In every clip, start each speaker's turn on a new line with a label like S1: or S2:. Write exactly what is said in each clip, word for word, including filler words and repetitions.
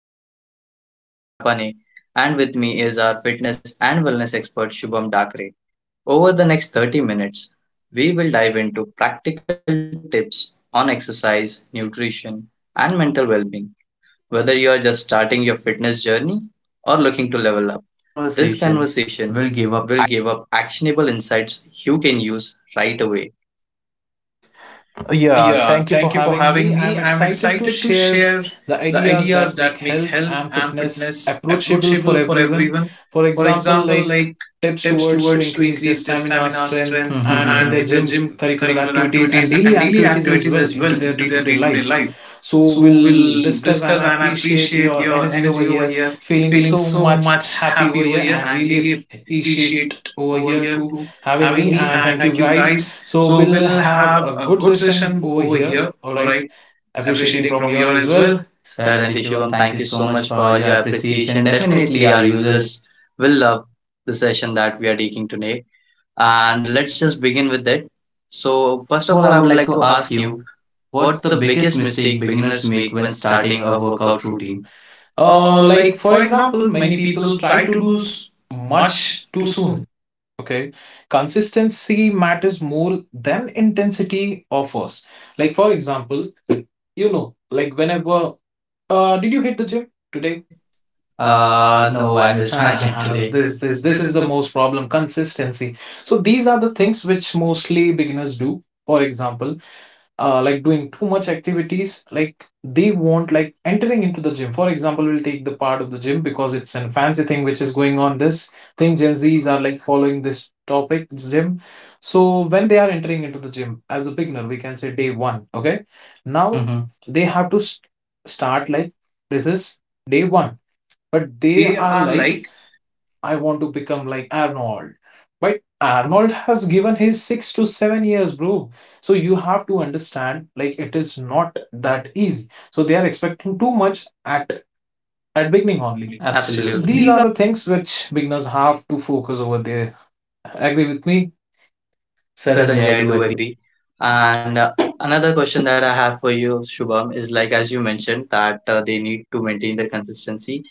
S1: I am your host Utkarsha Chhapane, and with me is our fitness and wellness expert Shubham Dakre. Over the next thirty minutes, we will dive into practical tips on exercise, nutrition, and mental well being. Whether you are just starting your fitness journey or looking to level up, this
S2: Conversation
S1: conversation
S2: will
S1: will
S2: give
S1: give
S2: up.
S1: up actionable insights you can use right away.
S2: Yeah,
S1: Yeah,
S2: thank you
S1: thank
S2: for
S1: you for
S2: having
S1: having
S2: me.
S1: me.
S2: I'm
S1: I'm
S2: excited to
S1: excited to
S2: share
S1: share
S2: the
S1: the
S2: ideas
S1: ideas
S2: that
S1: that
S2: make
S1: make
S2: health
S1: health
S2: and
S1: and
S2: fitness
S1: fitness
S2: approachable for
S1: approachable for
S2: everyone.
S1: everyone.
S2: For
S1: For
S2: example,
S1: example,
S2: like
S1: like
S2: tips
S1: tips
S2: towards to
S1: towards to
S2: increase their
S1: increase their
S2: stamina,
S1: stamina,
S2: strength,
S1: strength,
S2: and Mhm. in
S1: and in
S2: their
S1: mm-hmm, their
S2: gym
S1: gym
S2: curricular
S1: curricular
S2: activities and
S1: activities and
S2: daily
S1: daily
S2: activities
S1: activities
S2: as well
S1: as well
S2: into their
S1: into their
S2: day-to-day
S1: day-to-day
S2: life.
S1: life.
S2: So
S1: So
S2: we'll
S1: we'll
S2: discuss, and
S1: discuss
S2: I
S1: and I
S2: appreciate
S1: appreciate
S2: your
S1: your
S2: energy over
S1: energy over
S2: here.
S1: here.
S2: Feeling
S1: Feeling
S2: so
S1: so
S2: much
S1: much
S2: happy over
S1: happy over
S2: here
S1: here
S2: and
S1: and
S2: really
S1: really
S2: appreciate
S1: appreciate
S2: over
S1: over
S2: here
S1: here
S2: to
S1: to
S2: having
S1: having
S2: me,
S1: me
S2: and
S1: and
S2: thank you
S1: thank you
S2: guys.
S1: guys.
S2: So
S1: So
S2: we'll
S1: we'll
S2: have
S1: have
S2: a
S1: a
S2: good
S1: good
S2: session
S1: session
S2: over
S1: over
S2: here.
S1: here.
S2: All
S1: All
S2: right.
S1: right.
S2: Appreciating
S1: Appreciating
S2: from
S1: from
S2: you all
S1: your
S2: as
S1: as
S2: well.
S1: well.
S2: Certainly,
S1: Certainly,
S2: Shubham,
S1: Shubham,
S2: thank
S1: thank
S2: you
S1: you
S2: so
S1: so
S2: much
S1: much
S2: for
S1: for
S2: all
S1: all
S2: your
S1: your
S2: appreciation.
S1: appreciation.
S2: Definitely,
S1: Definitely,
S2: our
S1: our
S2: users.
S1: users will love the session that we are taking today. And let's just begin with it. So,
S2: First
S1: first
S2: of
S1: of
S2: all,
S1: all,
S2: I
S1: I
S2: would
S1: would
S2: like
S1: like
S2: to
S1: to
S2: ask
S1: ask
S2: you,
S1: you
S2: what's
S1: what's
S2: the
S1: the
S2: biggest
S1: biggest
S2: mistake
S1: mistake
S2: beginners
S1: beginners
S2: make
S1: make
S2: when
S1: when
S2: starting
S1: starting
S2: a
S1: a
S2: workout
S1: workout
S2: routine?
S1: routine?
S2: Uh,
S1: Uh,
S2: like,
S1: like
S2: for
S1: for
S2: example,
S1: example,
S2: many
S1: many
S2: people
S1: people
S2: try
S1: try
S2: to
S1: to
S2: do
S1: do
S2: s-
S1: s-
S2: much
S1: much
S2: too
S1: too soon.
S2: soon. Okay. Consistency matters more than intensity offers. Like, for example, you know, like whenever, uh, did you hit the gym today?
S1: Today.
S2: Uh,
S1: Uh,
S2: no,
S1: no,
S2: I
S1: I
S2: missed
S1: missed
S2: my
S1: my
S2: gym
S1: gym.
S2: Ah,
S1: Ah,
S2: today.
S1: today.
S2: This
S1: this
S2: this
S1: this
S2: this
S1: this
S2: is
S1: is
S2: the
S1: the.
S2: most problem, consistency. So these are the things which mostly beginners do. For example, uh, like doing too much activities, like they want, like entering into the gym. For example, we will take the part of the gym because it's an fancy thing which is going on. This thing gen z's are like following, this topic, this gym. So when they are entering into the gym as a beginner, we can say day one. Okay, now Mm-hmm. they have to s- start, like this is day one, but they
S1: They
S2: are
S1: are
S2: like,
S1: like
S2: I want to become like Arnold. But Arnold has given his six to seven years, bro. So you have to understand, like it is not that easy. So they are expecting too much at at
S1: at
S2: beginning
S1: beginning
S2: only. So,
S1: only.
S2: absolutely,
S1: Absolutely. So
S2: these are
S1: these are.
S2: the things which beginners have to focus over there. Agree with me? Certainly, I
S1: Certainly, I
S2: do
S1: do
S2: agree.
S1: agree. And uh, another question that I have for you, Shubham, is like as you mentioned that uh, they need to maintain their consistency.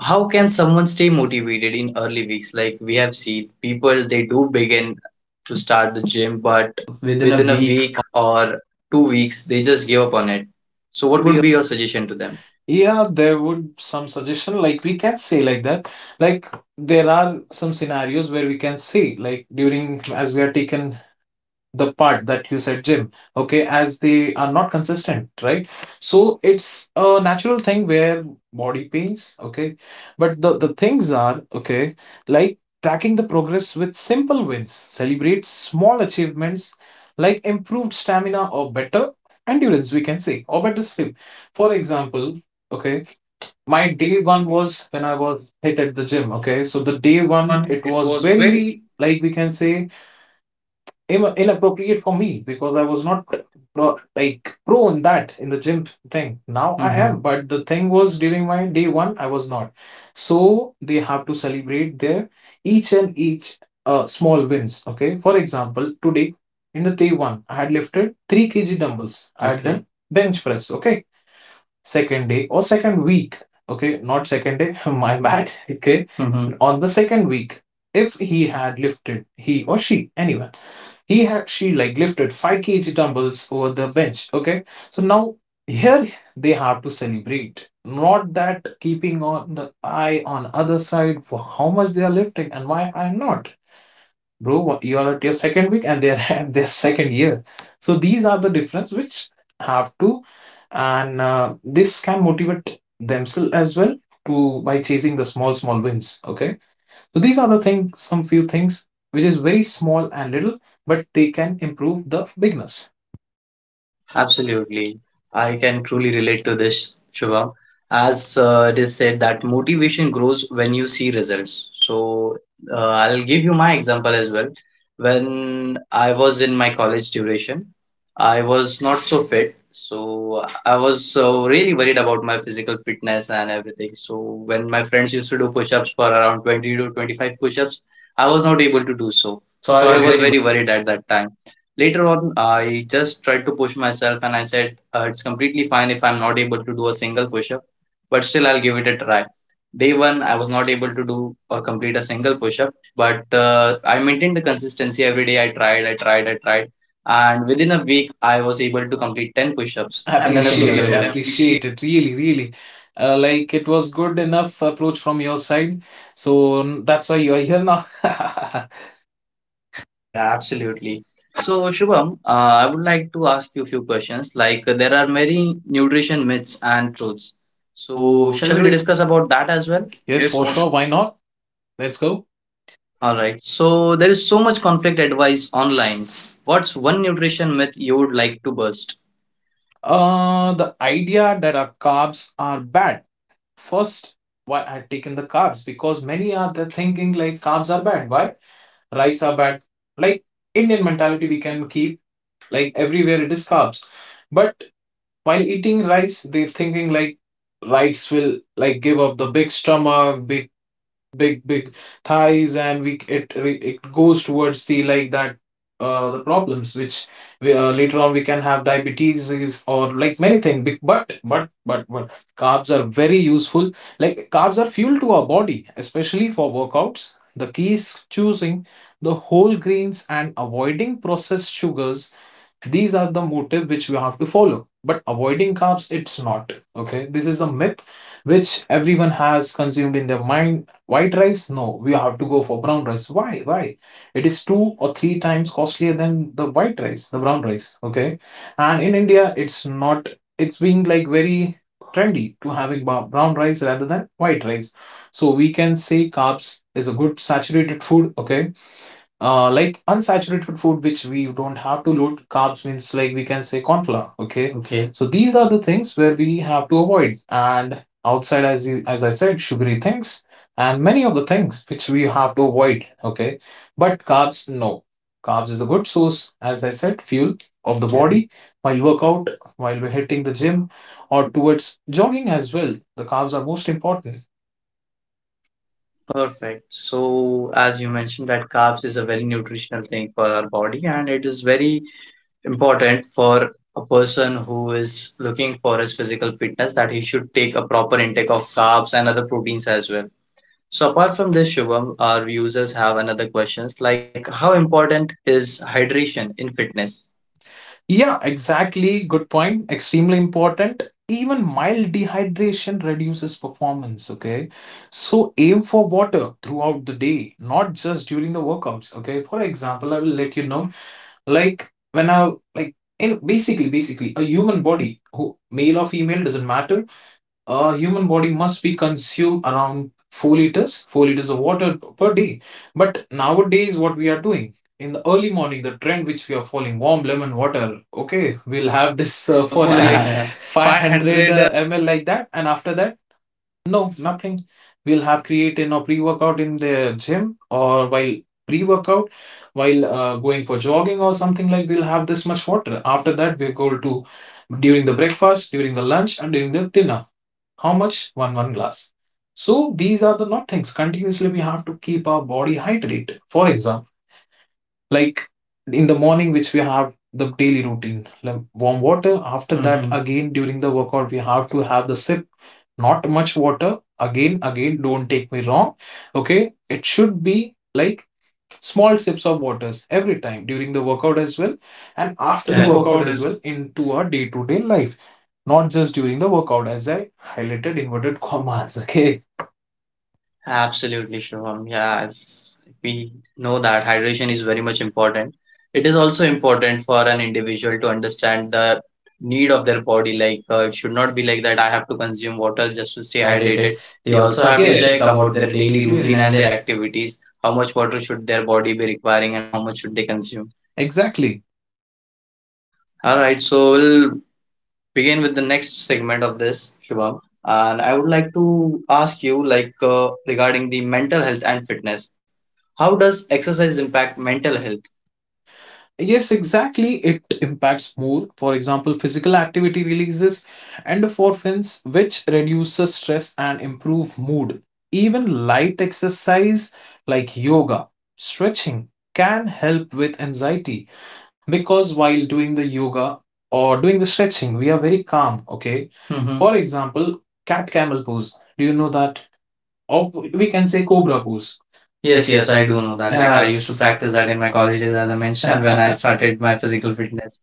S1: How can someone stay motivated in early weeks? Like we have seen people, they do begin to start the gym, but
S2: Within a
S1: within a
S2: week.
S1: week or two weeks, they just give up on it.
S2: So, what
S1: So,
S2: would
S1: what
S2: be.
S1: would be your suggestion to them?
S2: Yeah, there would some suggestion, like we can say like that. Like, there are some scenarios where we can say, like during, as we are taken the part that you said, Jim, okay, as they are not consistent, right? So it's a natural thing where body pains, okay? But the, the things are, okay, like tracking the progress with simple wins, celebrate small achievements like improved stamina or better endurance, we can say, or better sleep. For example, okay, my day one was when I was hit at the gym, okay? So the
S1: The
S2: day
S1: day
S2: one,
S1: one.
S2: it
S1: It
S2: was
S1: was
S2: very,
S1: very.
S2: like we can say, im- inappropriate for me because I was not uh, like pro in that, in the gym thing. Now I am, Mm-hmm. but the thing was during my day one, I was not. So they have to celebrate their each and each uh, small wins. Okay, for example, today in the day one, I had lifted three k g dumbbells. I had Okay. done bench press. Okay, second day or second week. Okay, not second day, my bad. Okay, Mm-hmm. on the second week, if he had lifted, he or she, anyway, he had she like lifted five kg dumbbells over the bench. Okay, so now here they have to celebrate, not that keeping on the eye on other side for how much they are lifting and why I'm not. Bro, you are at your second week, and they're at their second year. So these are the difference which have to, and uh, this can motivate themselves as well to, by chasing the small small wins. Okay. So these are the things, some few things which is very small and little, but they can improve the bigness.
S1: Absolutely. I can truly relate to this, Shubham. As uh, it is said that motivation grows when you see results. So uh, I'll give you my example as well. When I was in my college duration, I was not so fit. So I was uh, really worried about my physical fitness and everything. So when my friends used to do push-ups for around twenty to twenty-five push-ups, I was not able to do so.
S2: So I
S1: So
S2: Okay.
S1: I
S2: was
S1: was, okay,
S2: very
S1: very worried at that time. Later on, I just tried to push myself and I said, uh, it's completely fine if I'm not able to do a single push up, but still I'll give it a try. Day one, I was not able to do or complete a single push up, but uh, I maintained the consistency every day. I tried, I tried, I tried. And within a week, I was able to complete ten push
S2: push-ups.
S1: ups in a single
S2: Appreciated,
S1: go.
S2: appreciated, really, really. Uh, like, it was good enough approach from your side. So n- that's why you are here now.
S1: Yeah, absolutely. So, Shubham, uh, I would like to ask you a few questions. Like, uh, there are many nutrition myths and truths.
S2: So
S1: So,
S2: shall
S1: shall
S2: we
S1: we
S2: discuss
S1: discuss about that
S2: as
S1: as
S2: well?
S1: well?
S2: Yes,
S1: Yes,
S2: for
S1: for sure.
S2: sure. Why not? Let's go.
S1: All right. So, there is so much conflict advice online. What's one nutrition myth you would like to burst?
S2: Uh, the idea that our carbs are bad. First, why I've taken the carbs, because many are the thinking like carbs are bad. Why? Rice are bad. Like, Indian mentality, we can keep like everywhere it is carbs. But while eating rice, they're thinking like rice will like give up the big stomach, big big big thighs, and we it it goes towards the, like, that uh the problems which we, uh, later on we can have diabetes is- or like many things. Bec- but but but but carbs are very useful, like carbs are fuel to our body, especially for workouts. The key is choosing the whole grains and avoiding processed sugars. These are the motive which we have to follow. But avoiding carbs, it's not. Okay. This is a myth which everyone has consumed in their mind. White rice? No, we have to go for brown rice. Why? Why? It is two or three times costlier than the white rice, the brown rice. Okay. And in India, it's not, it's being like very trendy to having brown rice rather than white rice. So we can say carbs is a good saturated food. Okay uh, like, unsaturated food which we don't have to load, carbs means like we can say corn flour, okay Okay. So these are the things where we have to avoid, and outside, as you, as I said, sugary things, and many of the things which we have to avoid, okay. But carbs, no, carbs is a good source, as I said, fuel of the, yeah, body while workout, while we're hitting the gym or towards jogging as well, the carbs are most important.
S1: Perfect. So, as you mentioned, that carbs is a very nutritional thing for our body and it is very important for a person who is looking for his physical fitness that he should take a proper intake of carbs and other proteins as well. So apart from this, Shubham, our users have another questions like how important is hydration in fitness?
S2: Yeah, exactly. Good point. Extremely important. Even mild dehydration reduces performance. Okay. So aim for water throughout the day, not just during the workouts. Okay. For example, I will let you know, like when I, like, in basically, basically, a human body, who male or female doesn't matter, a human body must be consumed around four liters, four liters of water per day. But nowadays what we are doing in the early morning, the trend which we are following, warm lemon water, okay, we'll have this uh,
S1: So
S2: for
S1: for
S2: like
S1: like
S2: five hundred
S1: five hundred.
S2: uh, ml, like that, and after that, no, nothing. We'll have creatine or pre-workout in the gym, or while pre-workout, while uh, going for jogging or something, like we'll have this much water. After that, we go to, during the breakfast, during the lunch, and during the dinner, how much? One one glass. So these are the not things. Continuously, we have to keep our body hydrated. For example, like in the morning, which we have the daily routine, like warm water. After that, hmm again during the workout, we have to have the sip. Not much water. Again, again, don't take me wrong. Okay, it should be like small sips of waters every time during the workout as well, and
S1: And
S2: after
S1: after,
S2: the
S1: yeah,
S2: Yeah.
S1: the
S2: workout
S1: workout.
S2: as well into our day-to-day life, not just during the workout, as I highlighted, inverted commas. Okay,
S1: Absolutely, Shubham. Yeah, as we know that hydration is very much important. It is also important for an individual to understand the need of their body. Like, uh, it should not be like that I have to consume water just to
S2: stay
S1: stay
S2: hydrated,
S1: hydrated.
S2: they
S1: They
S2: also
S1: also
S2: have to,
S1: have to
S2: yes,
S1: check,
S2: check
S1: yes,
S2: about
S1: about
S2: their
S1: their
S2: daily
S1: daily
S2: routine,
S1: routine
S2: yes, and
S1: and yes,
S2: yes,
S1: their
S2: their
S1: activities. How much water should their body be requiring and how much should they consume?
S2: exactly.
S1: All right, so we'll begin with the next segment of this, Shubham. And I would like to ask you, like, uh, regarding the mental health and fitness. How does exercise impact mental health?
S2: Yes, exactly. It impacts more. For example, physical activity releases endorphins, which reduces stress and improve mood. Even light exercise like yoga, stretching, can help with anxiety, because while doing the yoga or doing the stretching, we are very calm, okay? Mhm. For example, cat camel pose. Do you know that? Or we can say cobra pose. Yes,
S1: Yes,
S2: yes,
S1: yes, I
S2: I
S1: do
S2: do know
S1: know
S2: that.
S1: that. Like
S2: Like,
S1: I
S2: I
S1: used
S2: used
S1: to,
S2: to
S1: yes,
S2: Yes.
S1: practice
S2: practice
S1: that
S2: that in
S1: in my
S2: my college days,
S1: colleges, as
S2: as
S1: I
S2: I
S1: mentioned,
S2: mentioned,
S1: when
S2: when
S1: I
S2: I
S1: started
S2: started
S1: my
S2: my
S1: physical
S2: physical fitness.
S1: fitness.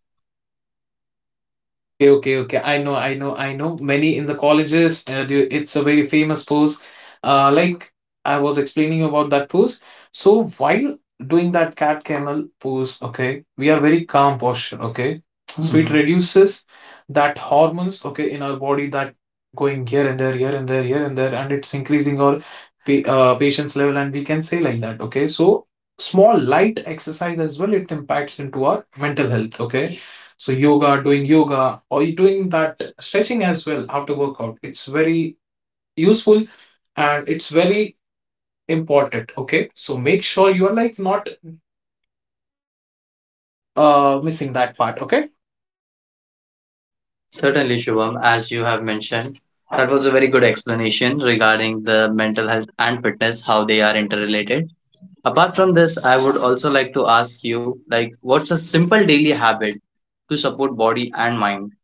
S2: Okay, okay, okay. I know, I know, I know. Many in the colleges, uh, do, it's a very famous pose. Uh, like, I was explaining you about that pose. So while doing that cat camel pose, okay, we are very calm posture, okay. So it Mhm. reduces that hormones, okay, in our body that going here and there, here and there, here and there, and it's increasing our pa- uh, patience level, and we can say like that, okay. So small light exercise as well, it impacts into our mental health, okay. So yoga, doing yoga, or you doing that stretching as well after workout. It's very useful, and it's very important. Okay, so make sure you are like not uh missing that part. Okay.
S1: Certainly, Shubham, as you have mentioned, that was a very good explanation regarding the mental health and fitness, how they are interrelated. Apart from this, I would also like to ask you, like, what's a simple daily habit to support body and mind?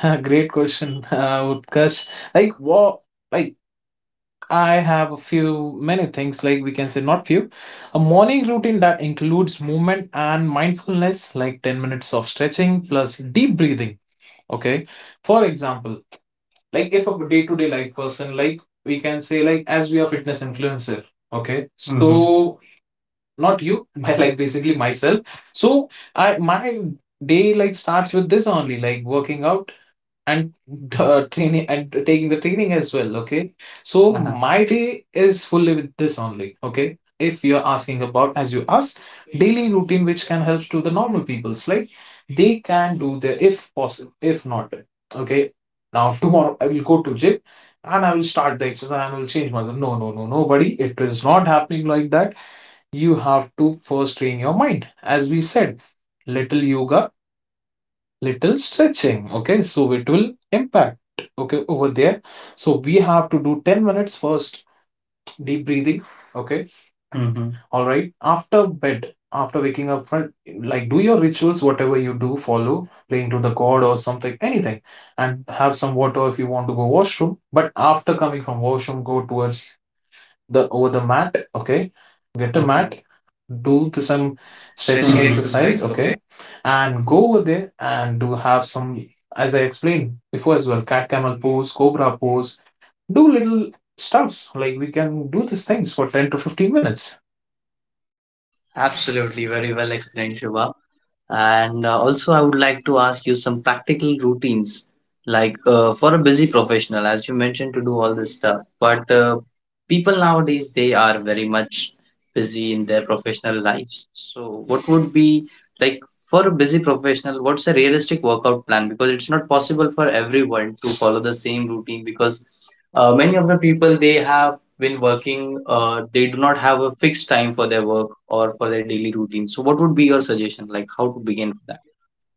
S2: Great question, uh, Utkarsh. Like what? Like, I have a few many things. Like we can say not few. A morning routine that includes movement and mindfulness, like ten minutes of stretching plus deep breathing. Okay. For example, like if a day-to-day life person, like, we can say, like, as we are fitness influencer, okay, so mm-hmm. not you but, like, basically myself. So I, my day like starts with this only, like working out and uh, training and taking the training as well. Okay, so, uh-huh, my day is fully with this only. Okay, if you're asking about, as you asked, daily routine which can help to the normal people's like they can do the if possible, if not. Okay, now tomorrow I will go to gym and I will start the exercise and I will change myself. No, no, no, no, buddy, it is not happening like that. You have to first train your mind, as we said, little yoga, little stretching, okay, so it will impact, okay, over there. So we have to do ten minutes first deep breathing, okay. Mm-hmm. All right, after bed, after waking up front, like do your rituals whatever you do follow, praying to the god or something anything, and have some water if you want to go washroom, but after coming from washroom go towards the over the mat, okay, get a Okay. mat, do the, some stretching
S1: Stretching,
S2: Mm-hmm.
S1: mhm,
S2: exercise,
S1: exercise.
S2: okay, and go over there and do have some, as I explained before as well, cat camel pose, cobra pose, do little stuffs. Like we can do these things for ten to fifteen minutes.
S1: Absolutely, very well explained, Shiva. And uh, also, I would like to ask you some practical routines, like uh, for a busy professional, as you mentioned, to do all this stuff. But uh, people nowadays, they are very much busy in their professional lives. So, what would be like for a busy professional, what's a realistic workout plan? Because it's not possible for everyone to follow the same routine because uh, many of the people they have when working, uh, they do not have a fixed time for their work or for their daily routine. So, what would be your suggestion, like how to begin for that?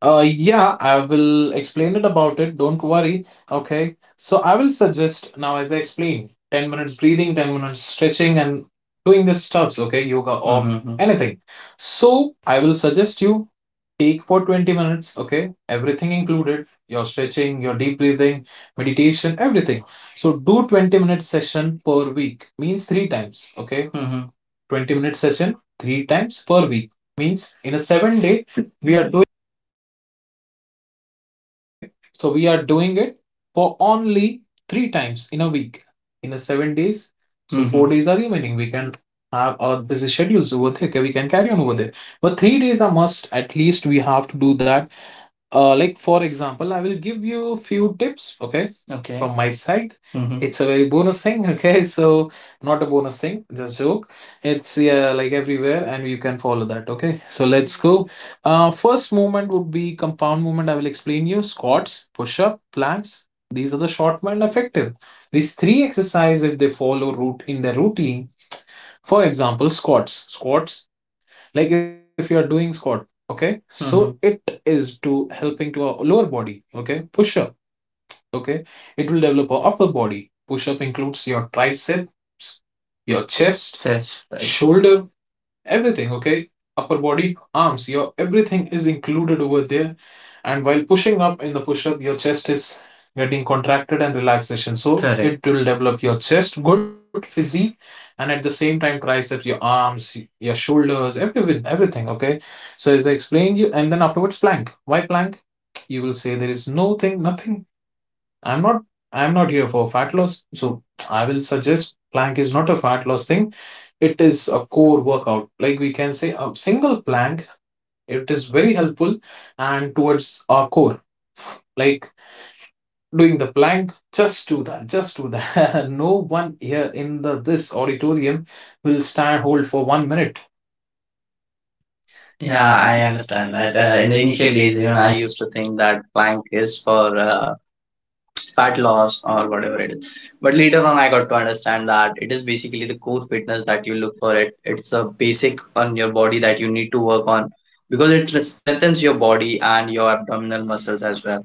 S2: Uh, yeah, I will explain it about it. Don't worry. Okay. So I will suggest now, as I explained, ten minutes breathing, ten minutes stretching, and doing these stuffs, okay, yoga or Mm-hmm. anything. So I will suggest you take for twenty minutes, okay? Everything included, your stretching, your deep breathing, meditation, everything. So do twenty minute session per week, means three times, okay? Mm-hmm. twenty minute session three times per week means in a seven day we are doing, okay, so we are doing it for only three times in a week, in a seven days, so four Mm-hmm. four days are remaining, we can have our busy schedules over there, okay, we can carry on over there, but three days are must, at least we have to do that. Uh, like for example, I will give you few tips, okay, Okay. from my side. Mm-hmm. It's a very bonus thing, okay? So not a bonus thing, just joke. It's yeah, like everywhere, and you can follow that, okay? So let's go. Uh, first movement would be compound movement. I will explain you squats, push-up, planks. These are the short and effective. These three exercises, if they follow route in their routine, for example, squats. Squats, like if you are doing squat, okay, so mm-hmm, it is to helping to a lower body, okay. Push up, okay, it will develop a upper body. Push up includes your triceps, your chest, Chest, right. shoulder. Everything, okay? Upper body, arms, your everything is included over there. And while pushing up in the push up, your chest is getting contracted and relaxation. So Correct. It will develop your chest, good physique, and at the same time, triceps, your arms, your shoulders, everything, everything, okay? So as I explained you, and then afterwards, plank. Why plank? You will say there is no thing, nothing. I'm not I'm not here for fat loss. So I will suggest plank is not a fat loss thing, it is a core workout. Like we can say a single plank, it is very helpful and towards our core, like doing the plank, just do that, just do that, no one here in the this auditorium will stand hold for one minute.
S1: Yeah,
S2: Yeah, I
S1: I
S2: understand
S1: understand
S2: that.
S1: that.
S2: Uh,
S1: Uh,
S2: in
S1: in
S2: the
S1: the
S2: initial
S1: initial
S2: days,
S1: days,
S2: even
S1: even
S2: I
S1: I used to think that plank is for uh, fat loss or whatever it is. But later on, I got to understand that it is basically the core fitness that you look for. It it's a basic on your body that you need to work on because it strengthens your body and your abdominal muscles as well.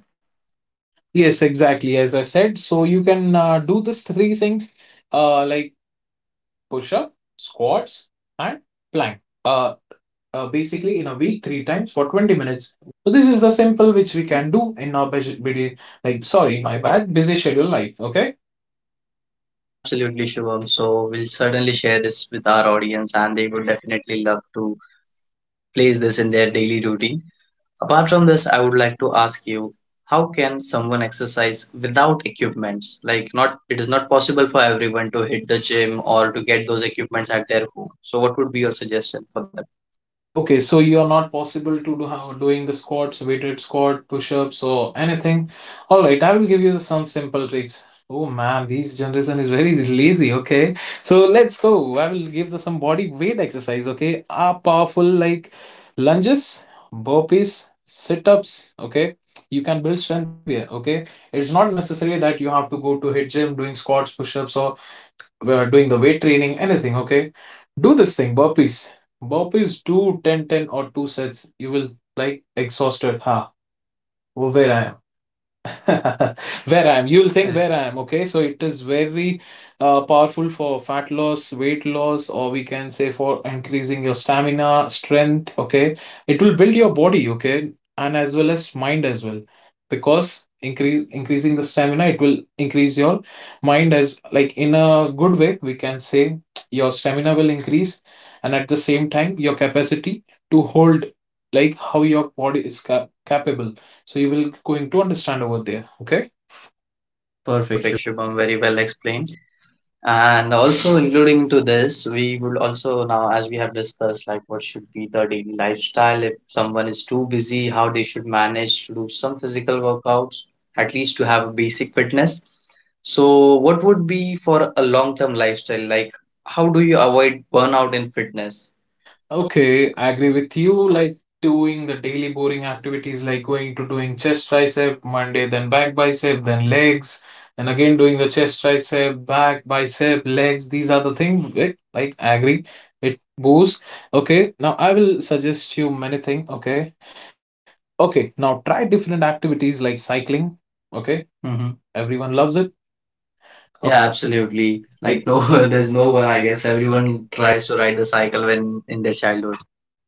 S2: yes, exactly. As I said, so you can uh, do this three things, uh, like push up, squats, and plank. Uh, uh, Basically in a week three times for twenty minutes. So this is the simple which we can do in our busy, like sorry, my bad, busy schedule life. Okay.
S1: Absolutely, Shivam. So we'll certainly share this with our audience, and they would definitely love to place this in their daily routine. Apart from this, I would like to ask you, how can someone exercise without equipments? Like, not it is not possible for everyone to hit the gym or to get those equipments at their home. So what would be your suggestion for that?
S2: Okay, so you are not possible to do how doing the squats, weighted squat, push-ups, or anything. All right, I will give you some simple tricks. Oh man, this generation is very lazy. Okay, so let's go. I will give the some body weight exercise, okay, are powerful like lunges, burpees, sit-ups. Okay, you can build strength anywhere. Okay, it's not necessary that you have to go to hit gym doing squats, push-ups, or we are doing the weight training, anything, okay? Do this thing, burpees. Burpees, do ten, ten or two sets. You will like exhausted. Ha, huh? Where I am. Where I am. You'll think where I am. Okay, so it is very uh, powerful for fat loss, weight loss, or we can say for increasing your stamina, strength. Okay, it will build your body. Okay, and as well as mind as well, because increase increasing the stamina, it will increase your mind as like in a good way. We can say your stamina will increase, and at the same time, your capacity to hold, like how your body is cap capable, so you will going to understand over there. Okay. Perfect. Sure.
S1: Perfect, Shubham. Very well explained. And also including to this, we would also now, as we have discussed, like what should be the daily lifestyle if someone is too busy, how they should manage to do some physical workouts, at least to have a basic fitness. So, what would be for a long-term lifestyle? Like, how do you avoid burnout in fitness?
S2: Okay, I agree with you. Like doing the daily boring activities, like going to doing chest tricep Monday, then back bicep, then legs, and again doing the chest tricep, back bicep, legs. These are the things. Like, like I agree, it boosts. Okay, now I will suggest you many things. Okay, okay. Now try different activities like cycling. Okay, mm-hmm, everyone loves it.
S1: Yeah, okay,
S2: Yeah, absolutely.
S1: absolutely.
S2: Like
S1: Like,
S2: no,
S1: no,
S2: there's
S1: there's
S2: no
S1: no
S2: one,
S1: one,
S2: I
S1: I
S2: guess.
S1: guess. Everyone
S2: Everyone tries.
S1: tries to ride the cycle when in their childhood.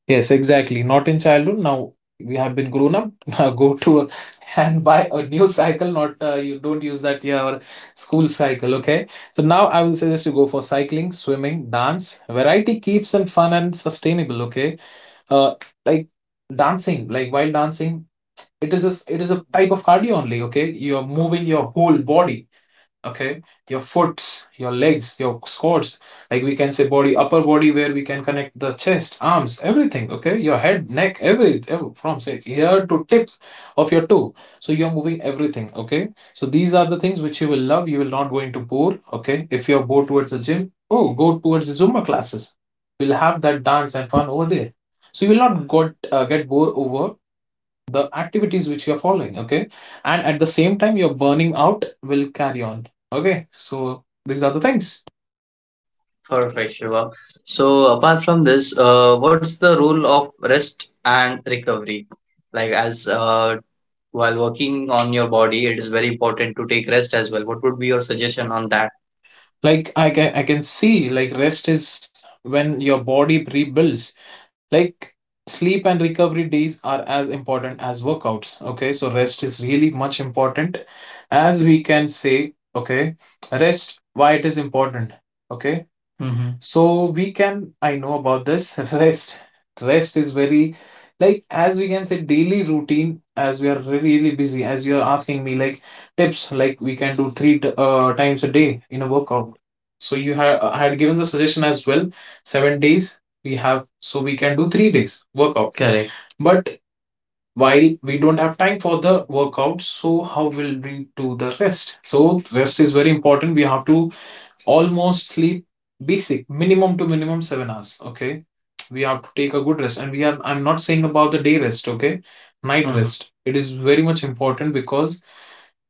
S2: Yes, exactly. Not in childhood. Now we have been grown up. Now go to a, and buy a new cycle. Not uh, you don't use that your school cycle. Okay. So now I will suggest you go for cycling, swimming, dance. Variety keeps and fun and sustainable. Okay. Uh, like dancing, like while dancing, it is a s- it is a type of cardio only. Okay. You are moving your whole body, okay, your foots, your legs, your squats. Like we can say body, upper body, where we can connect the chest, arms, everything, okay, your head, neck, every, from say ear to tip of your toe, so you're moving everything, okay. So these are the things which you will love, you will not go into bore, okay. If you're bored towards the gym, oh, go towards the zumba classes, we'll have that dance and fun over there, so you will not got uh, get bored over the activities which you're following, okay? And at the same time, your burning out will carry on, okay? So these are the things.
S1: Perfect, Shiva. So, apart from this, uh, what's the role of rest and recovery? Like, as uh, while working on your body, it is very important to take rest as well. What would be your suggestion on that?
S2: Like I can I can see like rest is when your body rebuilds. Like sleep and recovery days are as important as workouts. Okay, so rest is really much important, as we can say, okay, rest, why it is important. Okay. Mm-hmm. So we can, I know about this. Rest, rest is very, like as we can say daily routine as we are re- really busy. As you are asking me like tips, like we can do three t- uh, times a day in a workout. So you have I had given the suggestion as well. Seven days we have, so we can do three days workout. Correct. But while we don't have time for the workout, so how will we do the rest? So rest is very important. We have to almost sleep basic minimum to minimum seven hours. Okay, we have to take a good rest, and we are. I'm not saying about the day rest. Okay, night Mm. rest. It is very much important because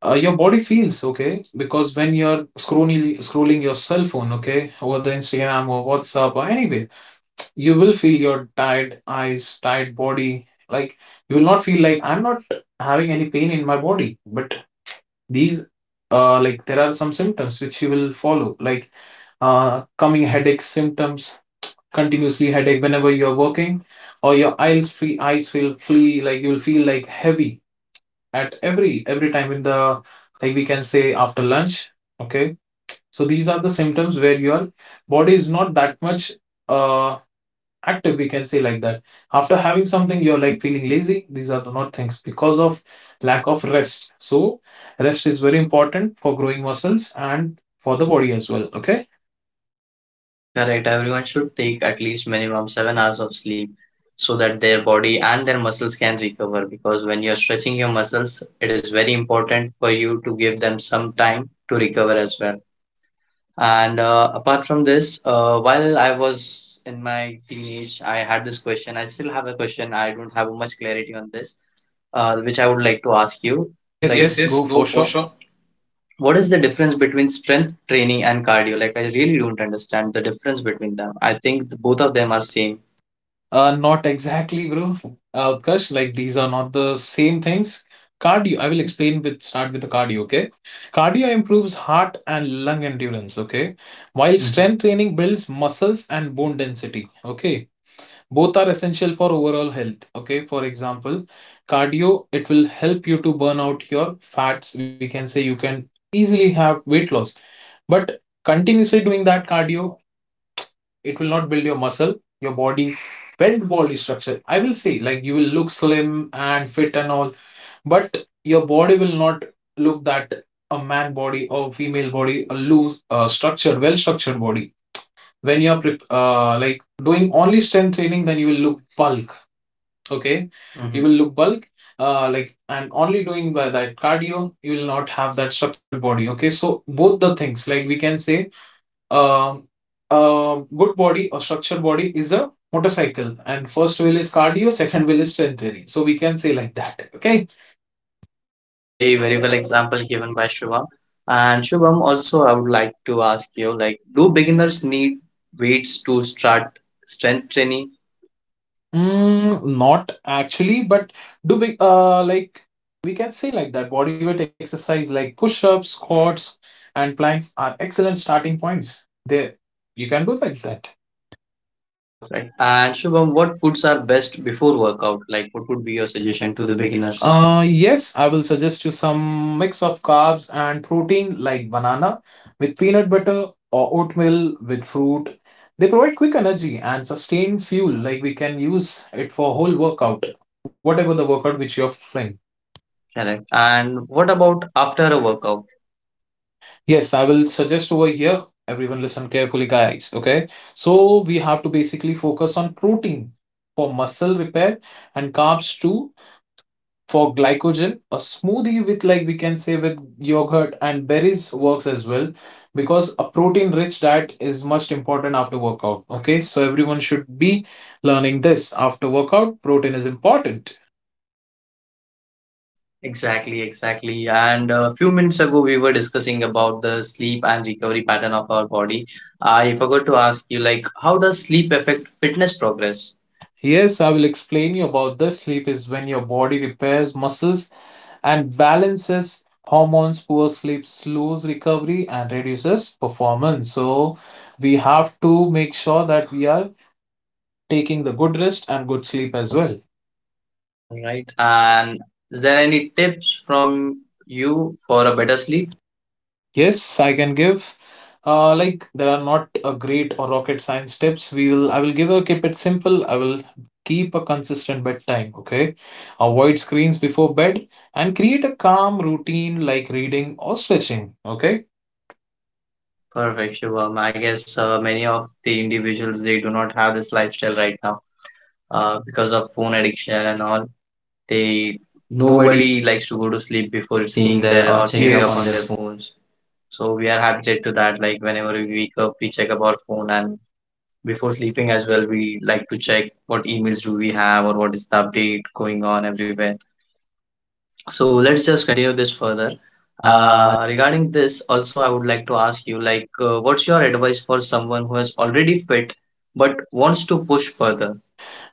S2: uh, your body feels okay because when you're scrolling scrolling your cell phone, okay, over the Instagram or WhatsApp or anyway, you will feel your tired eyes, tired body. Like you will not feel like I'm not having any pain in my body, but these uh like there are some symptoms which you will follow, like uh coming headache symptoms, continuously headache whenever you're working, or your eyes feel eyes feel flee, like you'll feel like heavy at every every time in the, like we can say, after lunch, okay. So these are the symptoms where your body is not that much uh active, we can say like that. After having something you're like feeling lazy, these are the not things because of lack of rest. So rest is very important for growing muscles and for the body as well, okay.
S1: Correct. Everyone should take at least minimum seven hours of sleep so that their body and their muscles can recover. Because when you're stretching your muscles, it is very important for you to give them some time to recover as well. And uh, apart from this, uh, while I was in my teenage, I had this question. I still have a question. I don't have much clarity on this, uh, which I would like to ask you.
S2: Like yes
S1: Like, yes,
S2: yes
S1: yes,
S2: go
S1: go
S2: for
S1: for
S2: sure.
S1: sure. What is the difference between strength training and cardio? Like, I really don't understand the difference between them. I think the, both of them are same.
S2: Uh, not exactly, bro. Uh, because like these are not the same things. Cardio, I will explain with start with the cardio, okay? Cardio improves heart and lung endurance, okay? While Mhm. strength training builds muscles and bone density, okay? Both are essential for overall health, okay? For example, cardio, it will help you to burn out your fats. We can say you can easily have weight loss. But continuously doing that cardio, it will not build your muscle, your body, build body structure. I will say like you will look slim and fit and all, but your body will not look that a man body or female body, a loose uh, structured, well structured body. When you're prep- uh, like doing only strength training, then you will look bulk. Okay. Mm-hmm. You. Mhm. will look bulk. Uh, like, and only doing by that cardio, you will not have that structured body. Okay, so both the things, like we can say, um, a good body or structured body is a motorcycle, and first wheel is cardio, second wheel is strength training. So we can say like that. Okay.
S1: Okay, very well example given by Shubham. And Shubham, also, I would like to ask you, like, do beginners need weights to start strength training?
S2: Mm, not actually, but do big uh like we can say like that. Bodyweight exercise like push-ups, squats, and planks are excellent starting points. They, you can do like that.
S1: Perfect. And Shubham, what foods are best before workout? Like, what would be
S2: Your
S1: your
S2: suggestion
S1: suggestion
S2: to
S1: to
S2: the
S1: the
S2: beginners?
S1: beginners? Uh,
S2: Uh, yes, I will suggest you some mix of carbs and protein, like banana with peanut butter or oatmeal with fruit. They provide quick energy and sustained fuel, like we can use it for whole workout, whatever the workout which you're feeling.
S1: Correct. And what about after a workout?
S2: Yes, I will suggest over here. Everyone listen carefully, guys. Okay, so we have to basically focus on protein for muscle repair and carbs too for glycogen. A smoothie with, like we can say, with yogurt and berries works as well, because a protein rich diet is much important after workout. Okay, so everyone should be learning this. After workout, protein is important.
S1: Exactly, exactly. And a few minutes ago, we were discussing about the sleep and recovery pattern of our body. I forgot to ask you, like, how does sleep affect fitness progress?
S2: Yes, I will explain you about this. Sleep is when your body repairs muscles and balances hormones. Poor sleep slows recovery and reduces performance. So we have to make sure that we are taking the good rest and good sleep as well.
S1: All right. And is there any tips from you for a better sleep?
S2: Yes, I can give. Uh, like, there are not a great or rocket science tips. We will. I will give a keep it simple. I will keep a consistent bedtime. Okay, avoid screens before bed and create a calm routine like reading or stretching. Okay.
S1: Perfect, Shubham. I guess uh, many of the individuals they do not have this lifestyle right now. uh, because of phone addiction and all. They
S2: Nobody
S1: Nobody likes to go to sleep before
S2: seeing
S1: seeing
S2: their
S1: their
S2: or
S1: or
S2: checking up,
S1: checking
S2: yes,
S1: up
S2: on
S1: on
S2: their
S1: their, yes,
S2: phone.
S1: phones. So we are habituated to that. Like whenever we wake up, we check up our phone, and before sleeping as well, we like to check what emails do we have or what is the update going on everywhere. So let's just continue this further.
S2: Uh,
S1: Uh, regarding this, also I would like to ask you, like, uh, what's your advice for someone who has already fit but wants to push further?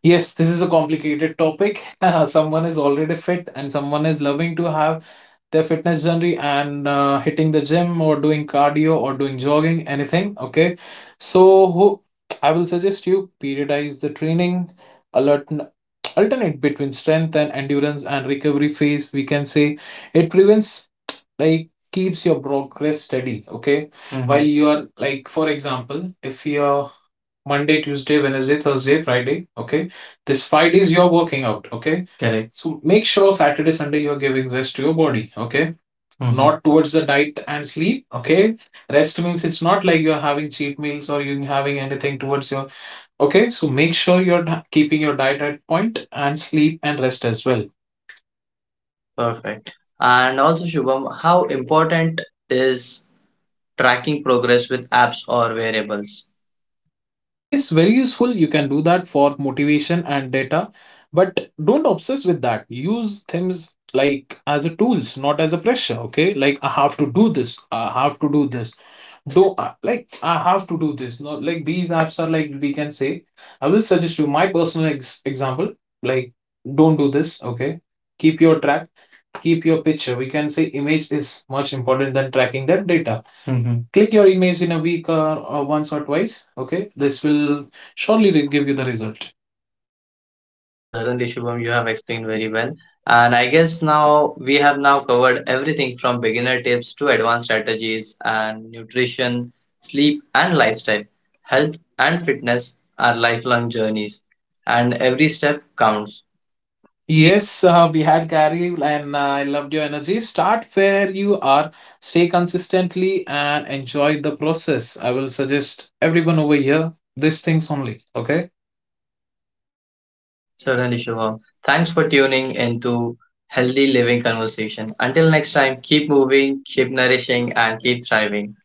S2: Yes, this is a complicated topic. Someone is already fit and someone is loving to have their fitness journey and uh, hitting the gym or doing cardio or doing jogging, anything. Okay. So who, I will suggest you periodize the training, alert, alternate between strength and endurance and recovery phase. We can say it prevents, like keeps your progress steady. Okay. Mhm. While Mhm. you are like, for example, if you're Monday, Tuesday, Wednesday, Thursday, Friday. Okay. This five days you're working out. Okay. Correct. So make sure Saturday, Sunday you are giving rest to your body. Okay. Mhm. Not towards the diet and sleep. Okay. Rest means it's not like you're having cheat meals or you're having anything towards your. Okay. So make sure you're keeping your diet at point and sleep and rest as well.
S1: Perfect. And also, Shubham, how important is tracking progress with apps or variables?
S2: Yes, very useful. You can do that for motivation and data, but don't obsess with that. Use things like as a tools, not as a pressure. Okay, like I have to do this. I have to do this. Do I- like I have to do this. No, like these apps are like we can say. I will suggest you my personal ex example. Like, don't do this. Okay, keep your track, keep your picture. We can say image is much important than tracking that data. Mhm. Click your image in a week, or, or once or twice. Okay, this will surely give you the result.
S1: Certainly, Shubham, you have explained very well. And I guess now we have now covered everything from beginner tips to advanced strategies and nutrition, sleep and lifestyle. Health and fitness are lifelong journeys, and every step counts.
S2: Yes, uh, we had Gary, and uh, I loved your energy. Start where you are, stay consistently, and enjoy the process. I will suggest everyone over here these things only. Okay.
S1: Certainly, Shubham. Thanks for tuning into Healthy Living Conversation. Until next time, keep moving, keep nourishing, and keep thriving.